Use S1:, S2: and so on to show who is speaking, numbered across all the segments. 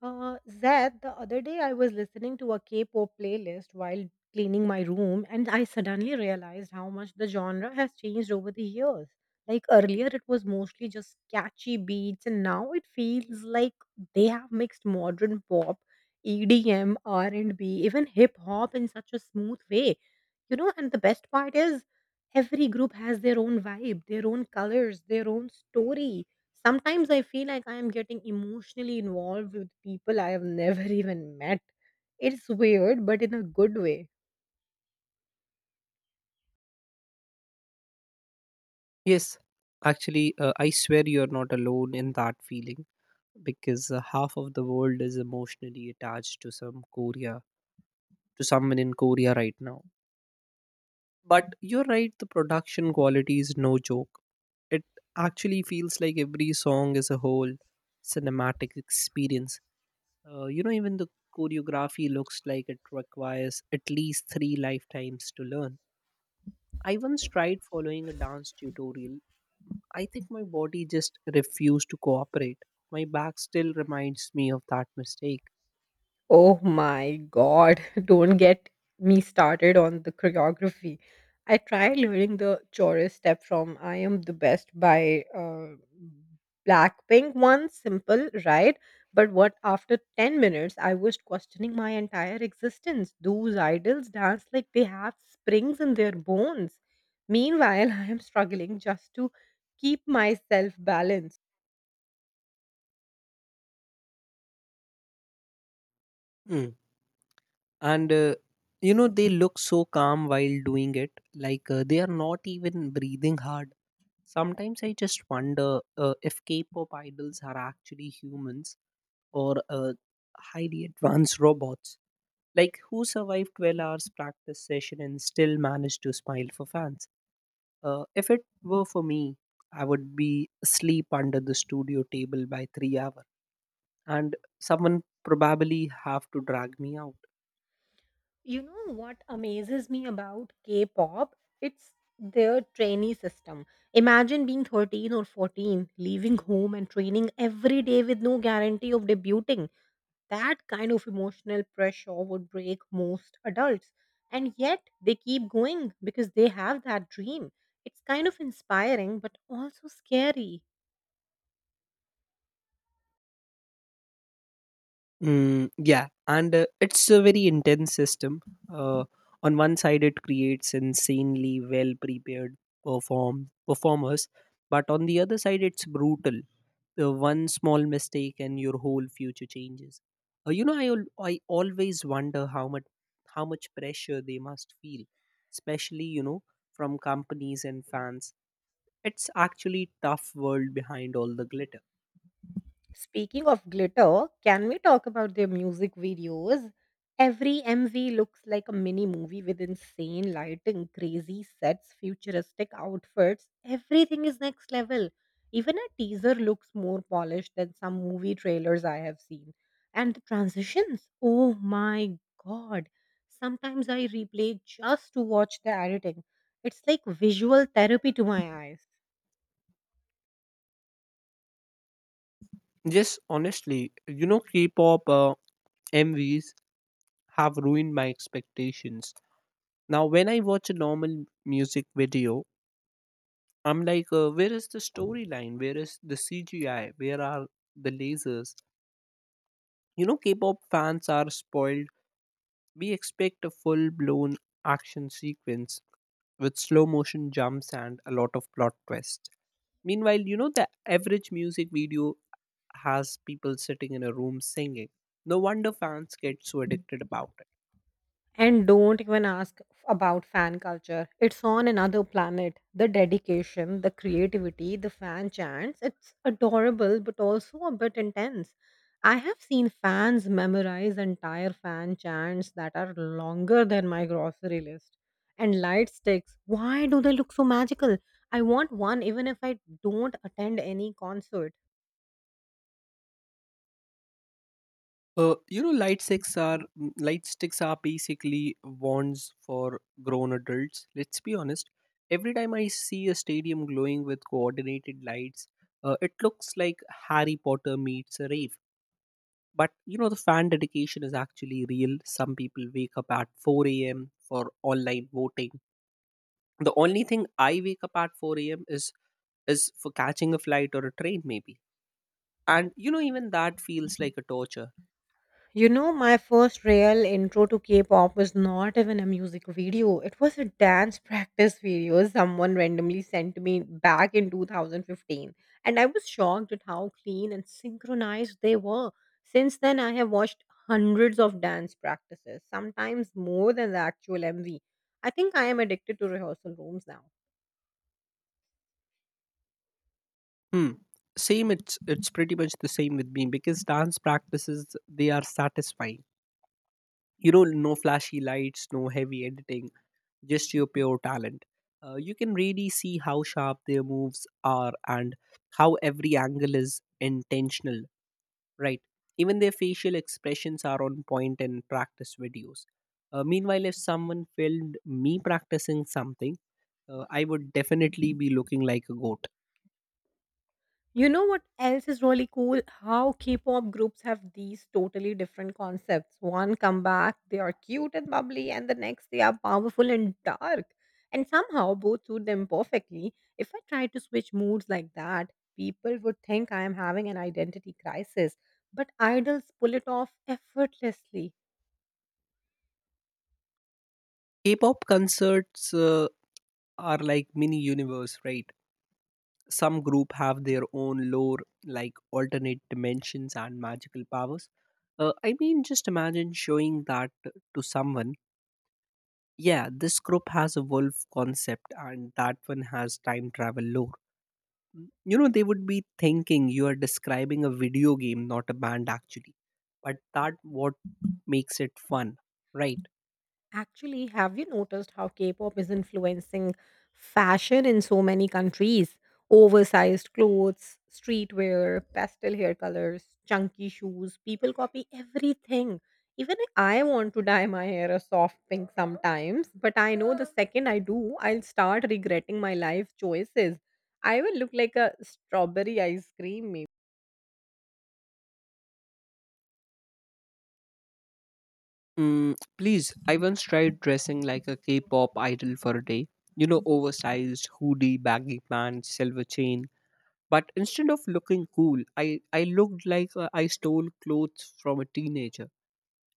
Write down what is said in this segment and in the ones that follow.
S1: Zed, the other day I was listening to a K-pop playlist while cleaning my room, and I suddenly realized how much the genre has changed over the years. Like earlier, it was mostly just catchy beats, and now it feels like they have mixed modern pop, EDM, R&B, even hip hop in such a smooth way. You know, and the best part is every group has their own vibe, their own colors, their own story. Sometimes I feel like I am getting emotionally involved with people I have never even met. It's weird, but in a good way.
S2: Yes, actually, I swear you're not alone in that feeling because half of the world is emotionally attached to some Korea, to someone in Korea right now. But you're right, the production quality is no joke. It actually feels like every song is a whole cinematic experience. You know, even the choreography looks like it requires at least three lifetimes to learn. I once tried following a dance tutorial. I think my body just refused to cooperate. My back still reminds me of that mistake.
S1: Oh my god, don't get me started on the choreography. I tried learning the chorus step from I Am the Best by Blackpink once, simple, right? But what after 10 minutes, I was questioning my entire existence. Those idols dance like they have springs in their bones. Meanwhile, I am struggling just to keep myself balanced.
S2: Mm. And you know, they look so calm while doing it, like they are not even breathing hard. Sometimes I just wonder if K pop idols are actually humans or highly advanced robots, like who survived 12 hours practice session and still managed to smile for fans. If it were for me, I would be asleep under the studio table by 3 hour, and someone probably have to drag me out.
S1: You know what amazes me about K pop? It's their trainee system. Imagine being 13 or 14, leaving home and training every day with no guarantee of debuting. That kind of emotional pressure would break most adults. And yet they keep going because they have that dream. It's kind of inspiring, but also scary.
S2: Mm, yeah, and it's a very intense system. Uh, on one side, it creates insanely well prepared performers, but on the other side, it's brutal. One small mistake and your whole future changes. You know, I always wonder how much pressure they must feel, especially from companies and fans. It's actually tough world behind all the glitter.
S1: Speaking of glitter, can we talk about their music videos? Every MV looks like a mini movie with insane lighting, crazy sets, futuristic outfits. Everything is next level. Even a teaser looks more polished than some movie trailers I have seen. And the transitions, oh my god. Sometimes I replay just to watch the editing. It's like visual therapy to my eyes.
S2: Yes, honestly, you know, K-pop MVs have ruined my expectations. Now, when I watch a normal music video, I'm like, where is the storyline? Where is the CGI? Where are the lasers? You know, K pop fans are spoiled. We expect a full blown action sequence with slow motion jumps and a lot of plot twists. Meanwhile, the average music video has people sitting in a room singing. No wonder fans get so addicted about it.
S1: And don't even ask about fan culture. It's on another planet. The dedication, the creativity, the fan chants, it's adorable but also a bit intense. I have seen fans memorize entire fan chants that are longer than my grocery list. And light sticks, why do they look so magical? I want one even if I don't attend any concert.
S2: You know, light sticks are basically wands for grown adults. Let's be honest. Every time I see a stadium glowing with coordinated lights, it looks like Harry Potter meets a rave. But you know, the fan dedication is actually real. Some people wake up at 4 a.m. for online voting. The only thing I wake up at 4 a.m. is for catching a flight or a train maybe, and you know, even that feels like a torture.
S1: You know, my first real intro to K pop was not even a music video. It was a dance practice video someone randomly sent me back in 2015. And I was shocked at how clean and synchronized they were. Since then, I have watched hundreds of dance practices, sometimes more than the actual MV. I think I am addicted to rehearsal rooms now.
S2: Hmm. Same, it's pretty much the same with me because dance practices, they are satisfying. You know, no flashy lights, no heavy editing, just your pure talent. You can really see how sharp their moves are and how every angle is intentional. Right. Even their facial expressions are on point in practice videos. Meanwhile, if someone filmed me practicing something, I would definitely be looking like a goat.
S1: You know what else is really cool? How K-pop groups have these totally different concepts. One come back, they are cute and bubbly, and the next they are powerful and dark. And somehow both suit them perfectly. If I tried to switch moods like that, people would think I am having an identity crisis. But idols pull it off effortlessly.
S2: K pop concerts are like mini universe, right? Some group have their own lore, like alternate dimensions and magical powers. I mean, just imagine showing that to someone. Yeah, this group has a wolf concept, and that one has time travel lore. Mm, you know, they would be thinking you are describing a video game, not a band actually, but that what makes it fun, right?
S1: Actually, have you noticed how K pop is influencing fashion in so many countries? Oversized clothes, streetwear, pastel hair colors, chunky shoes. People copy everything. Even I want to dye my hair a soft pink sometimes, but I know the second I do, I'll start regretting my life choices. I will look like a strawberry ice cream.
S2: Mm, please, I once tried dressing like a K pop idol for a day. You know, oversized hoodie, baggy pants, silver chain. But instead of looking cool, I looked like I stole clothes from a teenager.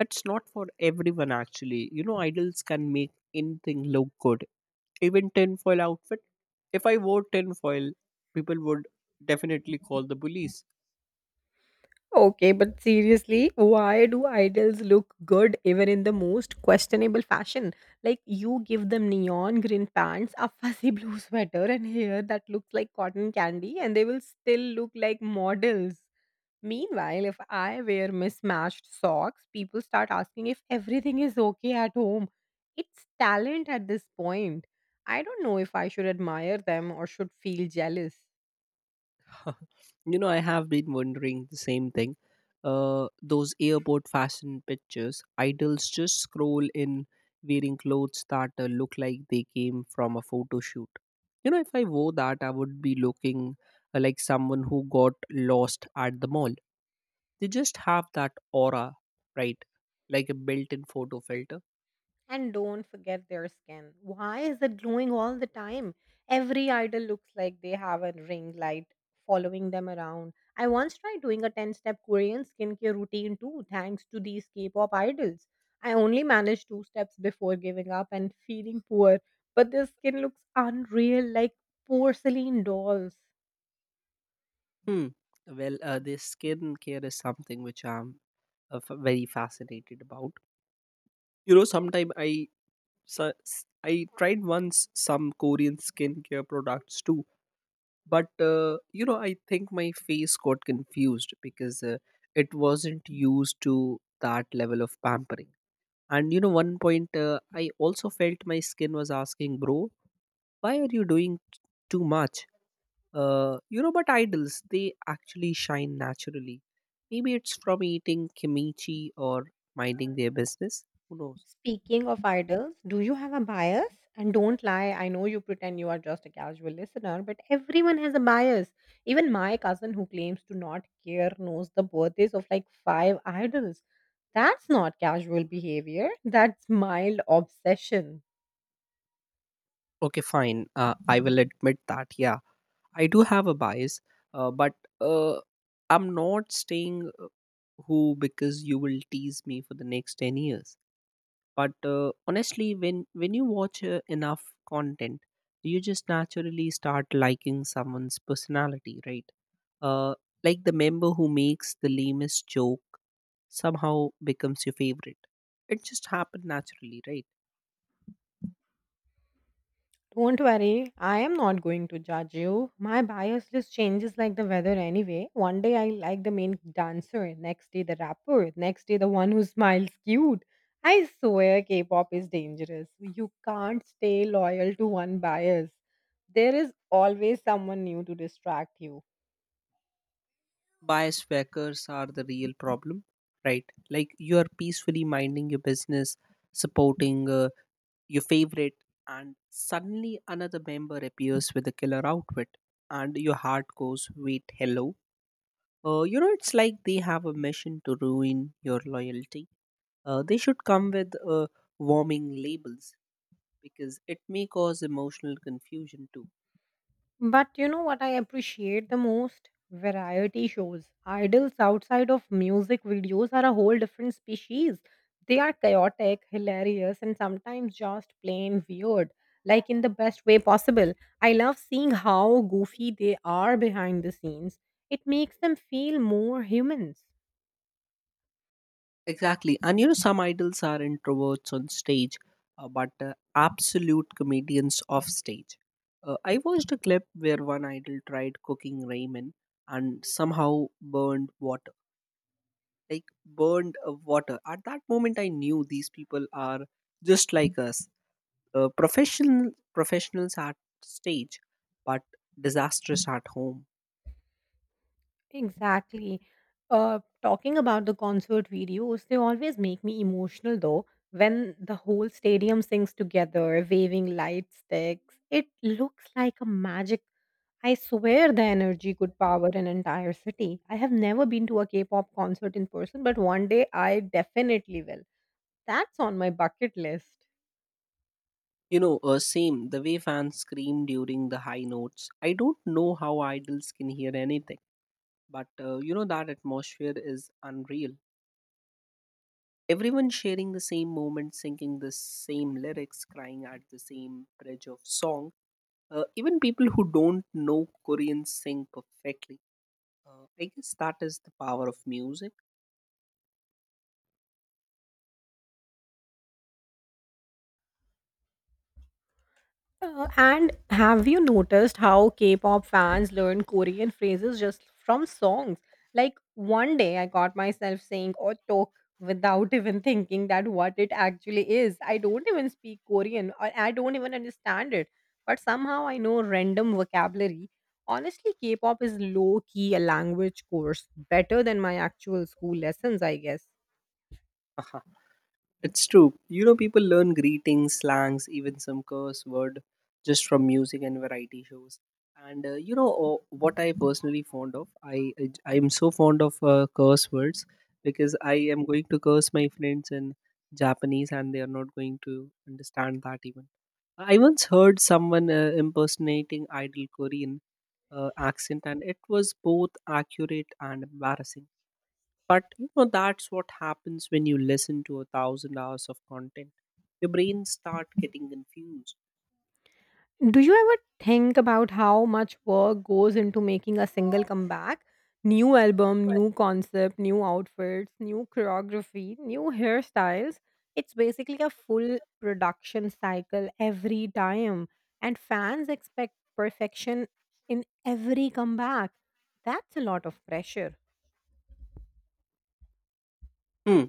S2: It's not for everyone, actually. You know, idols can make anything look good. Even tinfoil outfit. If I wore tinfoil, people would definitely call the police.
S1: Okay, but seriously, why do idols look good even in the most questionable fashion? Like you give them neon green pants, a fuzzy blue sweater, and hair that looks like cotton candy, and they will still look like models. Meanwhile, if I wear mismatched socks, people start asking if everything is okay at home. It's talent at this point. I don't know if I should admire them or should feel jealous.
S2: You know, I have been wondering the same thing. Those airport fashion pictures, idols just scroll in wearing clothes that look like they came from a photo shoot. You know, if I wore that, I would be looking like someone who got lost at the mall. They just have that aura, right? Like a built in photo filter.
S1: And don't forget their skin. Why is it glowing all the time? Every idol looks like they have a ring light following them around. I once tried doing a 10 step Korean skincare routine too, thanks to these K pop idols. I only managed two steps before giving up and feeling poor, but their skin looks unreal like porcelain dolls.
S2: Hmm. Well, this skincare is something which I'm very fascinated about. You know, sometime I so, s- I tried once some Korean skincare products too, but you know, I think my face got confused because it wasn't used to that level of pampering. And you know, one point I also felt my skin was asking, "Bro, why are you doing too much?" You know, but idols, they actually shine naturally. Maybe it's from eating kimchi or minding their business. Who knows?
S1: Speaking of idols, do you have a bias? And don't lie, I know you pretend you are just a casual listener, but everyone has a bias. Even my cousin, who claims to not care, knows the birthdays of like five idols. That's not casual behavior, that's mild obsession.
S2: Okay, fine. I will admit that. Yeah, I do have a bias, but uh, I'm not staying who, because you will tease me for the next 10 years. But honestly, when you watch enough content, you just naturally start liking someone's personality, right? uh, like the member who makes the lamest joke somehow becomes your favorite. It just happened naturally, right?
S1: Don't worry, I am not going to judge you. My bias just changes like the weather anyway. One day I like the main dancer, next day the rapper, next day the one who smiles cute. I swear K pop is dangerous. You can't stay loyal to one bias. There is always someone new to distract you.
S2: Bias fakers are the real problem, right? Like you are peacefully minding your business, supporting your favorite, and suddenly another member appears with a killer outfit, and your heart goes, wait, hello. You know, it's like they have a mission to ruin your loyalty. They should come with warming labels because it may cause emotional confusion too.
S1: But you know what I appreciate the most? Variety shows. Idols outside of music videos are a whole different species. They are chaotic, hilarious, and sometimes just plain weird, like in the best way possible. I love seeing how goofy they are behind the scenes. It makes them feel more humans.
S2: Exactly. And you know, some idols are introverts on stage, but absolute comedians off stage. I watched a clip where one idol tried cooking ramen and somehow burned water. Like, burned water. At that moment, I knew these people are just like us, professionals at stage, but disastrous at home.
S1: Exactly. Talking about the concert videos, they always make me emotional though. When the whole stadium sings together, waving light sticks, it looks like a magic. I swear the energy could power an entire city. I have never been to a K pop concert in person, but one day I definitely will. That's on my bucket list.
S2: You know, same, the way fans scream during the high notes. I don't know how idols can hear anything, but you know, that atmosphere is unreal. Everyone sharing the same moment, singing the same lyrics, crying at the same bridge of song. Even people who don't know Korean sing perfectly. I guess that is the power of music.
S1: And have you noticed how K-pop fans learn Korean phrases just from songs? Like one day I got myself saying "oh tok" without even thinking that what it actually is. I don't even speak Korean or I don't even understand it, but somehow I know random vocabulary. Honestly, K-pop is low-key a language course, better than my actual school lessons, I guess.
S2: It's true. You know, people learn greetings, slangs, even some curse word just from music and variety shows. And you know, what I personally fond of? I am so fond of curse words because I am going to curse my friends in Japanese, and they are not going to understand that even. I once heard someone impersonating idol Korean accent, and it was both accurate and embarrassing, but you know, that's what happens when you listen to a thousand hours of content. Your brain start getting confused.
S1: Do you ever think about how much work goes into making a single comeback? New album, new concept, new outfits, new choreography, new hairstyles. It's basically a full production cycle every time, and fans expect perfection in every comeback. That's a lot of pressure.
S2: Hmm.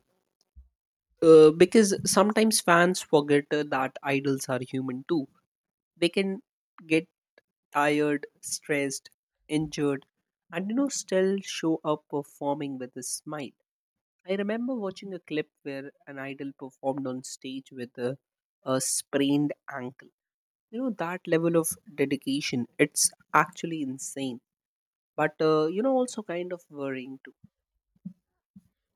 S2: Because sometimes fans forget that idols are human too. They can get tired, stressed, injured, and you know, still show up performing with a smile. I remember watching a clip where an idol performed on stage with a sprained ankle. You know, that level of dedication, it's actually insane, but you know, also kind of worrying too.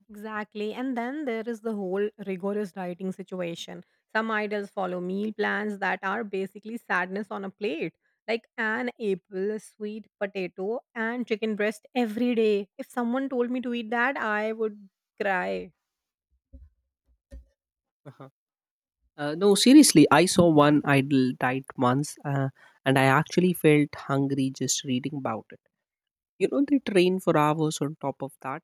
S1: Exactly. And then there is the whole rigorous dieting situation. Some idols follow meal plans that are basically sadness on a plate, like an apple, sweet potato, and chicken breast every day. If someone told me to eat that, I would cry.
S2: Uh-huh. No, seriously, I saw one idol diet once, and I actually felt hungry just reading about it. You know, they train for hours on top of that,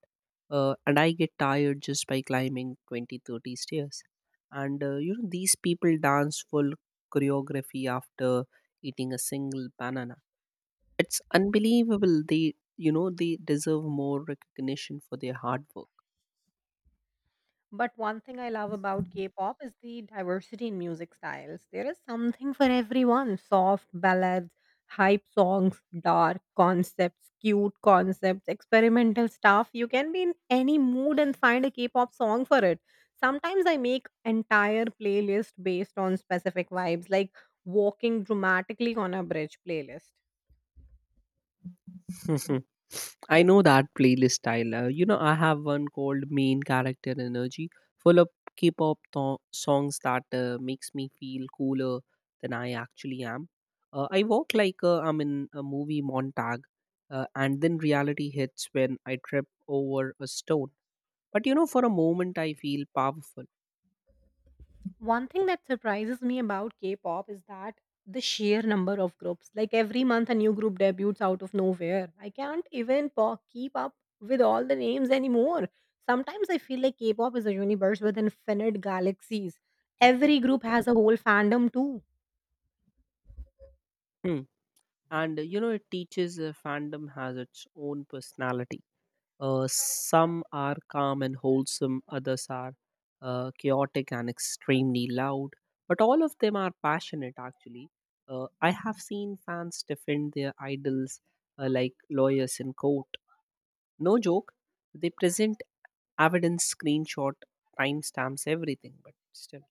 S2: and I get tired just by climbing 20, 30 stairs. And you know, these people dance full choreography after eating a single banana. It's unbelievable. They You know, they deserve more recognition for their hard work.
S1: But one thing I love about K-pop is the diversity in music styles. There is something for everyone. Soft ballads, hype songs, dark concepts, cute concepts, experimental stuff. You can be in any mood and find a K-pop song for it. Sometimes I make entire playlist based on specific vibes, like walking dramatically on a bridge playlist.
S2: Mhm. I know that playlist style. You know, I have one called Main Character Energy, full of songs that makes me feel cooler than I actually am. I walk like I'm in a movie montage, and then reality hits when I trip over a stone. But you know, for a moment, I feel powerful.
S1: One thing that surprises me about K-pop is that the sheer number of groups. Like every month, a new group debuts out of nowhere. I can't even keep up with all the names anymore. Sometimes I feel like K-pop is a universe with infinite galaxies. Every group has a whole fandom too.
S2: Hmm. And you know, it teaches fandom has its own personality. Some are calm and wholesome, others are chaotic and extremely loud, but all of them are passionate actually. I have seen fans defend their idols like lawyers in court. No joke, they present evidence, screenshot, timestamps, everything, but still.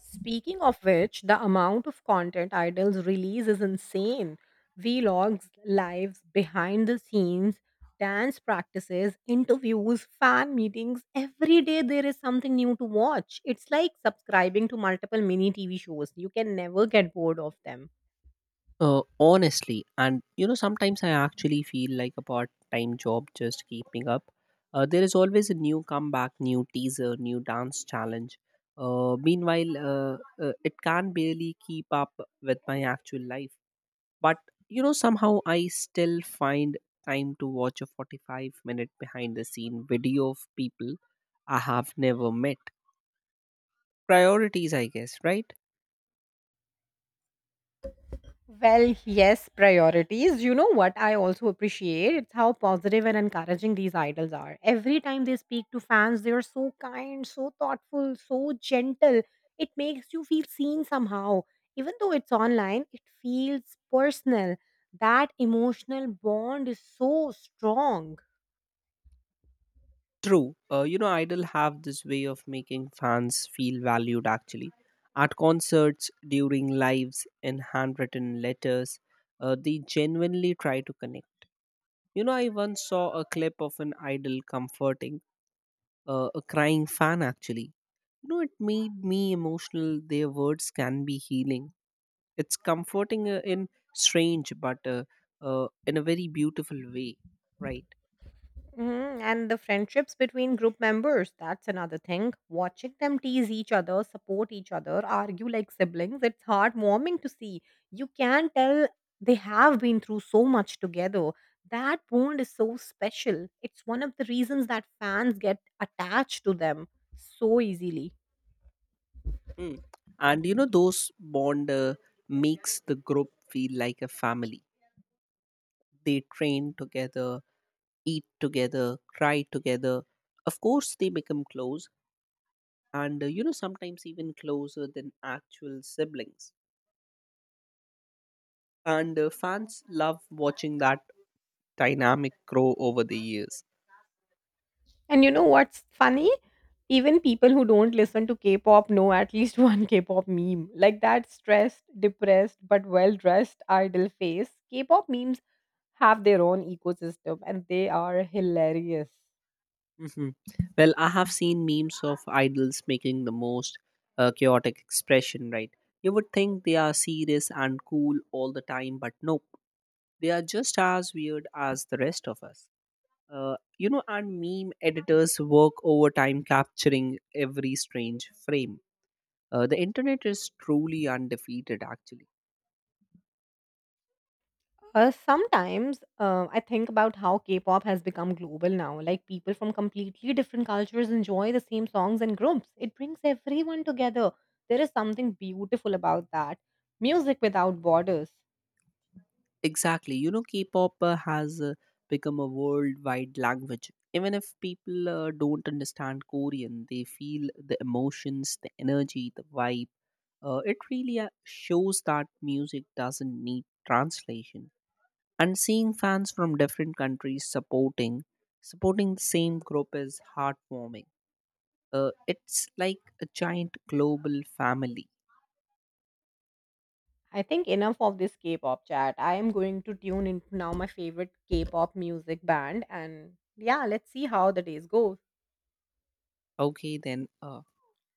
S1: Speaking of which, the amount of content Idols release is insane. Vlogs, lives, behind the scenes, dance practices, interviews, fan meetings. Every day there is something new to watch. It's like subscribing to multiple mini TV shows. You can never get bored of them.
S2: Honestly, and you know, sometimes I actually feel like a part time job just keeping up. There is always a new comeback, new teaser, new dance challenge. Meanwhile, it can barely keep up with my actual life. But you know, somehow I still find time to watch a 45-minute behind the scene video of people I have never met. Priorities, I guess, right?
S1: Well, yes, priorities. You know what I also appreciate? It's how positive and encouraging these idols are. Every time they speak to fans, they are so kind, so thoughtful, so gentle. It makes you feel seen somehow. Even though it's online, it feels personal. That emotional bond is so strong.
S2: True. You know, Idol have this way of making fans feel valued actually. At concerts, during lives, in handwritten letters, they genuinely try to connect. You know, I once saw a clip of an Idol comforting a crying fan actually. You know, it made me emotional. Their words can be healing. It's comforting in strange but in a very beautiful way, right?
S1: Hmm. And the friendships between group members, that's another thing. Watching them tease each other, support each other, argue like siblings, it's heartwarming to see. You can tell they have been through so much together. That bond is so special. It's one of the reasons that fans get attached to them so easily.
S2: Mm. And you know, those bond makes the group feel like a family. They train together, eat together, cry together. Of course, they become close, and you know, sometimes even closer than actual siblings. And fans love watching that dynamic grow over the years.
S1: And you know what's funny? Even people who don't listen to K-pop know at least one K-pop meme. Like that stressed, depressed, but well-dressed idol face. K-pop memes have their own ecosystem and they are hilarious.
S2: Hmm. Well, I have seen memes of idols making the most chaotic expression, right? You would think they are serious and cool all the time, but no. They are just as weird as the rest of us. You know, and meme editors work overtime capturing every strange frame. The internet is truly undefeated, actually.
S1: Sometimes I think about how K-pop has become global now. Like people from completely different cultures enjoy the same songs and groups. It brings everyone together. There is something beautiful about that. Music without borders.
S2: Exactly. You know, K pop has become a worldwide language. Even if people don't understand Korean, they feel the emotions, the energy, the vibe. It really shows that music doesn't need translation. And seeing fans from different countries supporting the same group is heartwarming. It's like a giant global family.
S1: I think enough of this K-pop chat. I am going to tune into now my favorite K-pop music band and yeah, let's see how the days go.
S2: Okay, then,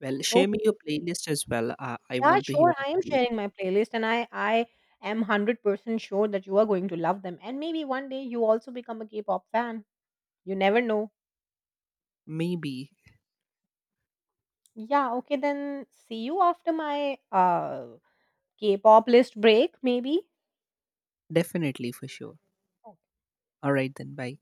S2: well, share me your
S1: Okay.
S2: playlist as well. I
S1: Yeah,
S2: want to hear
S1: sure.
S2: it
S1: I am
S2: too.
S1: sharing my playlist and I am 100% sure that you are going to love them and maybe one day you also become a K-pop fan. You never know.
S2: Maybe.
S1: Yeah, okay then see you after my K-pop list break maybe.
S2: Definitely, for sure. All right then, bye.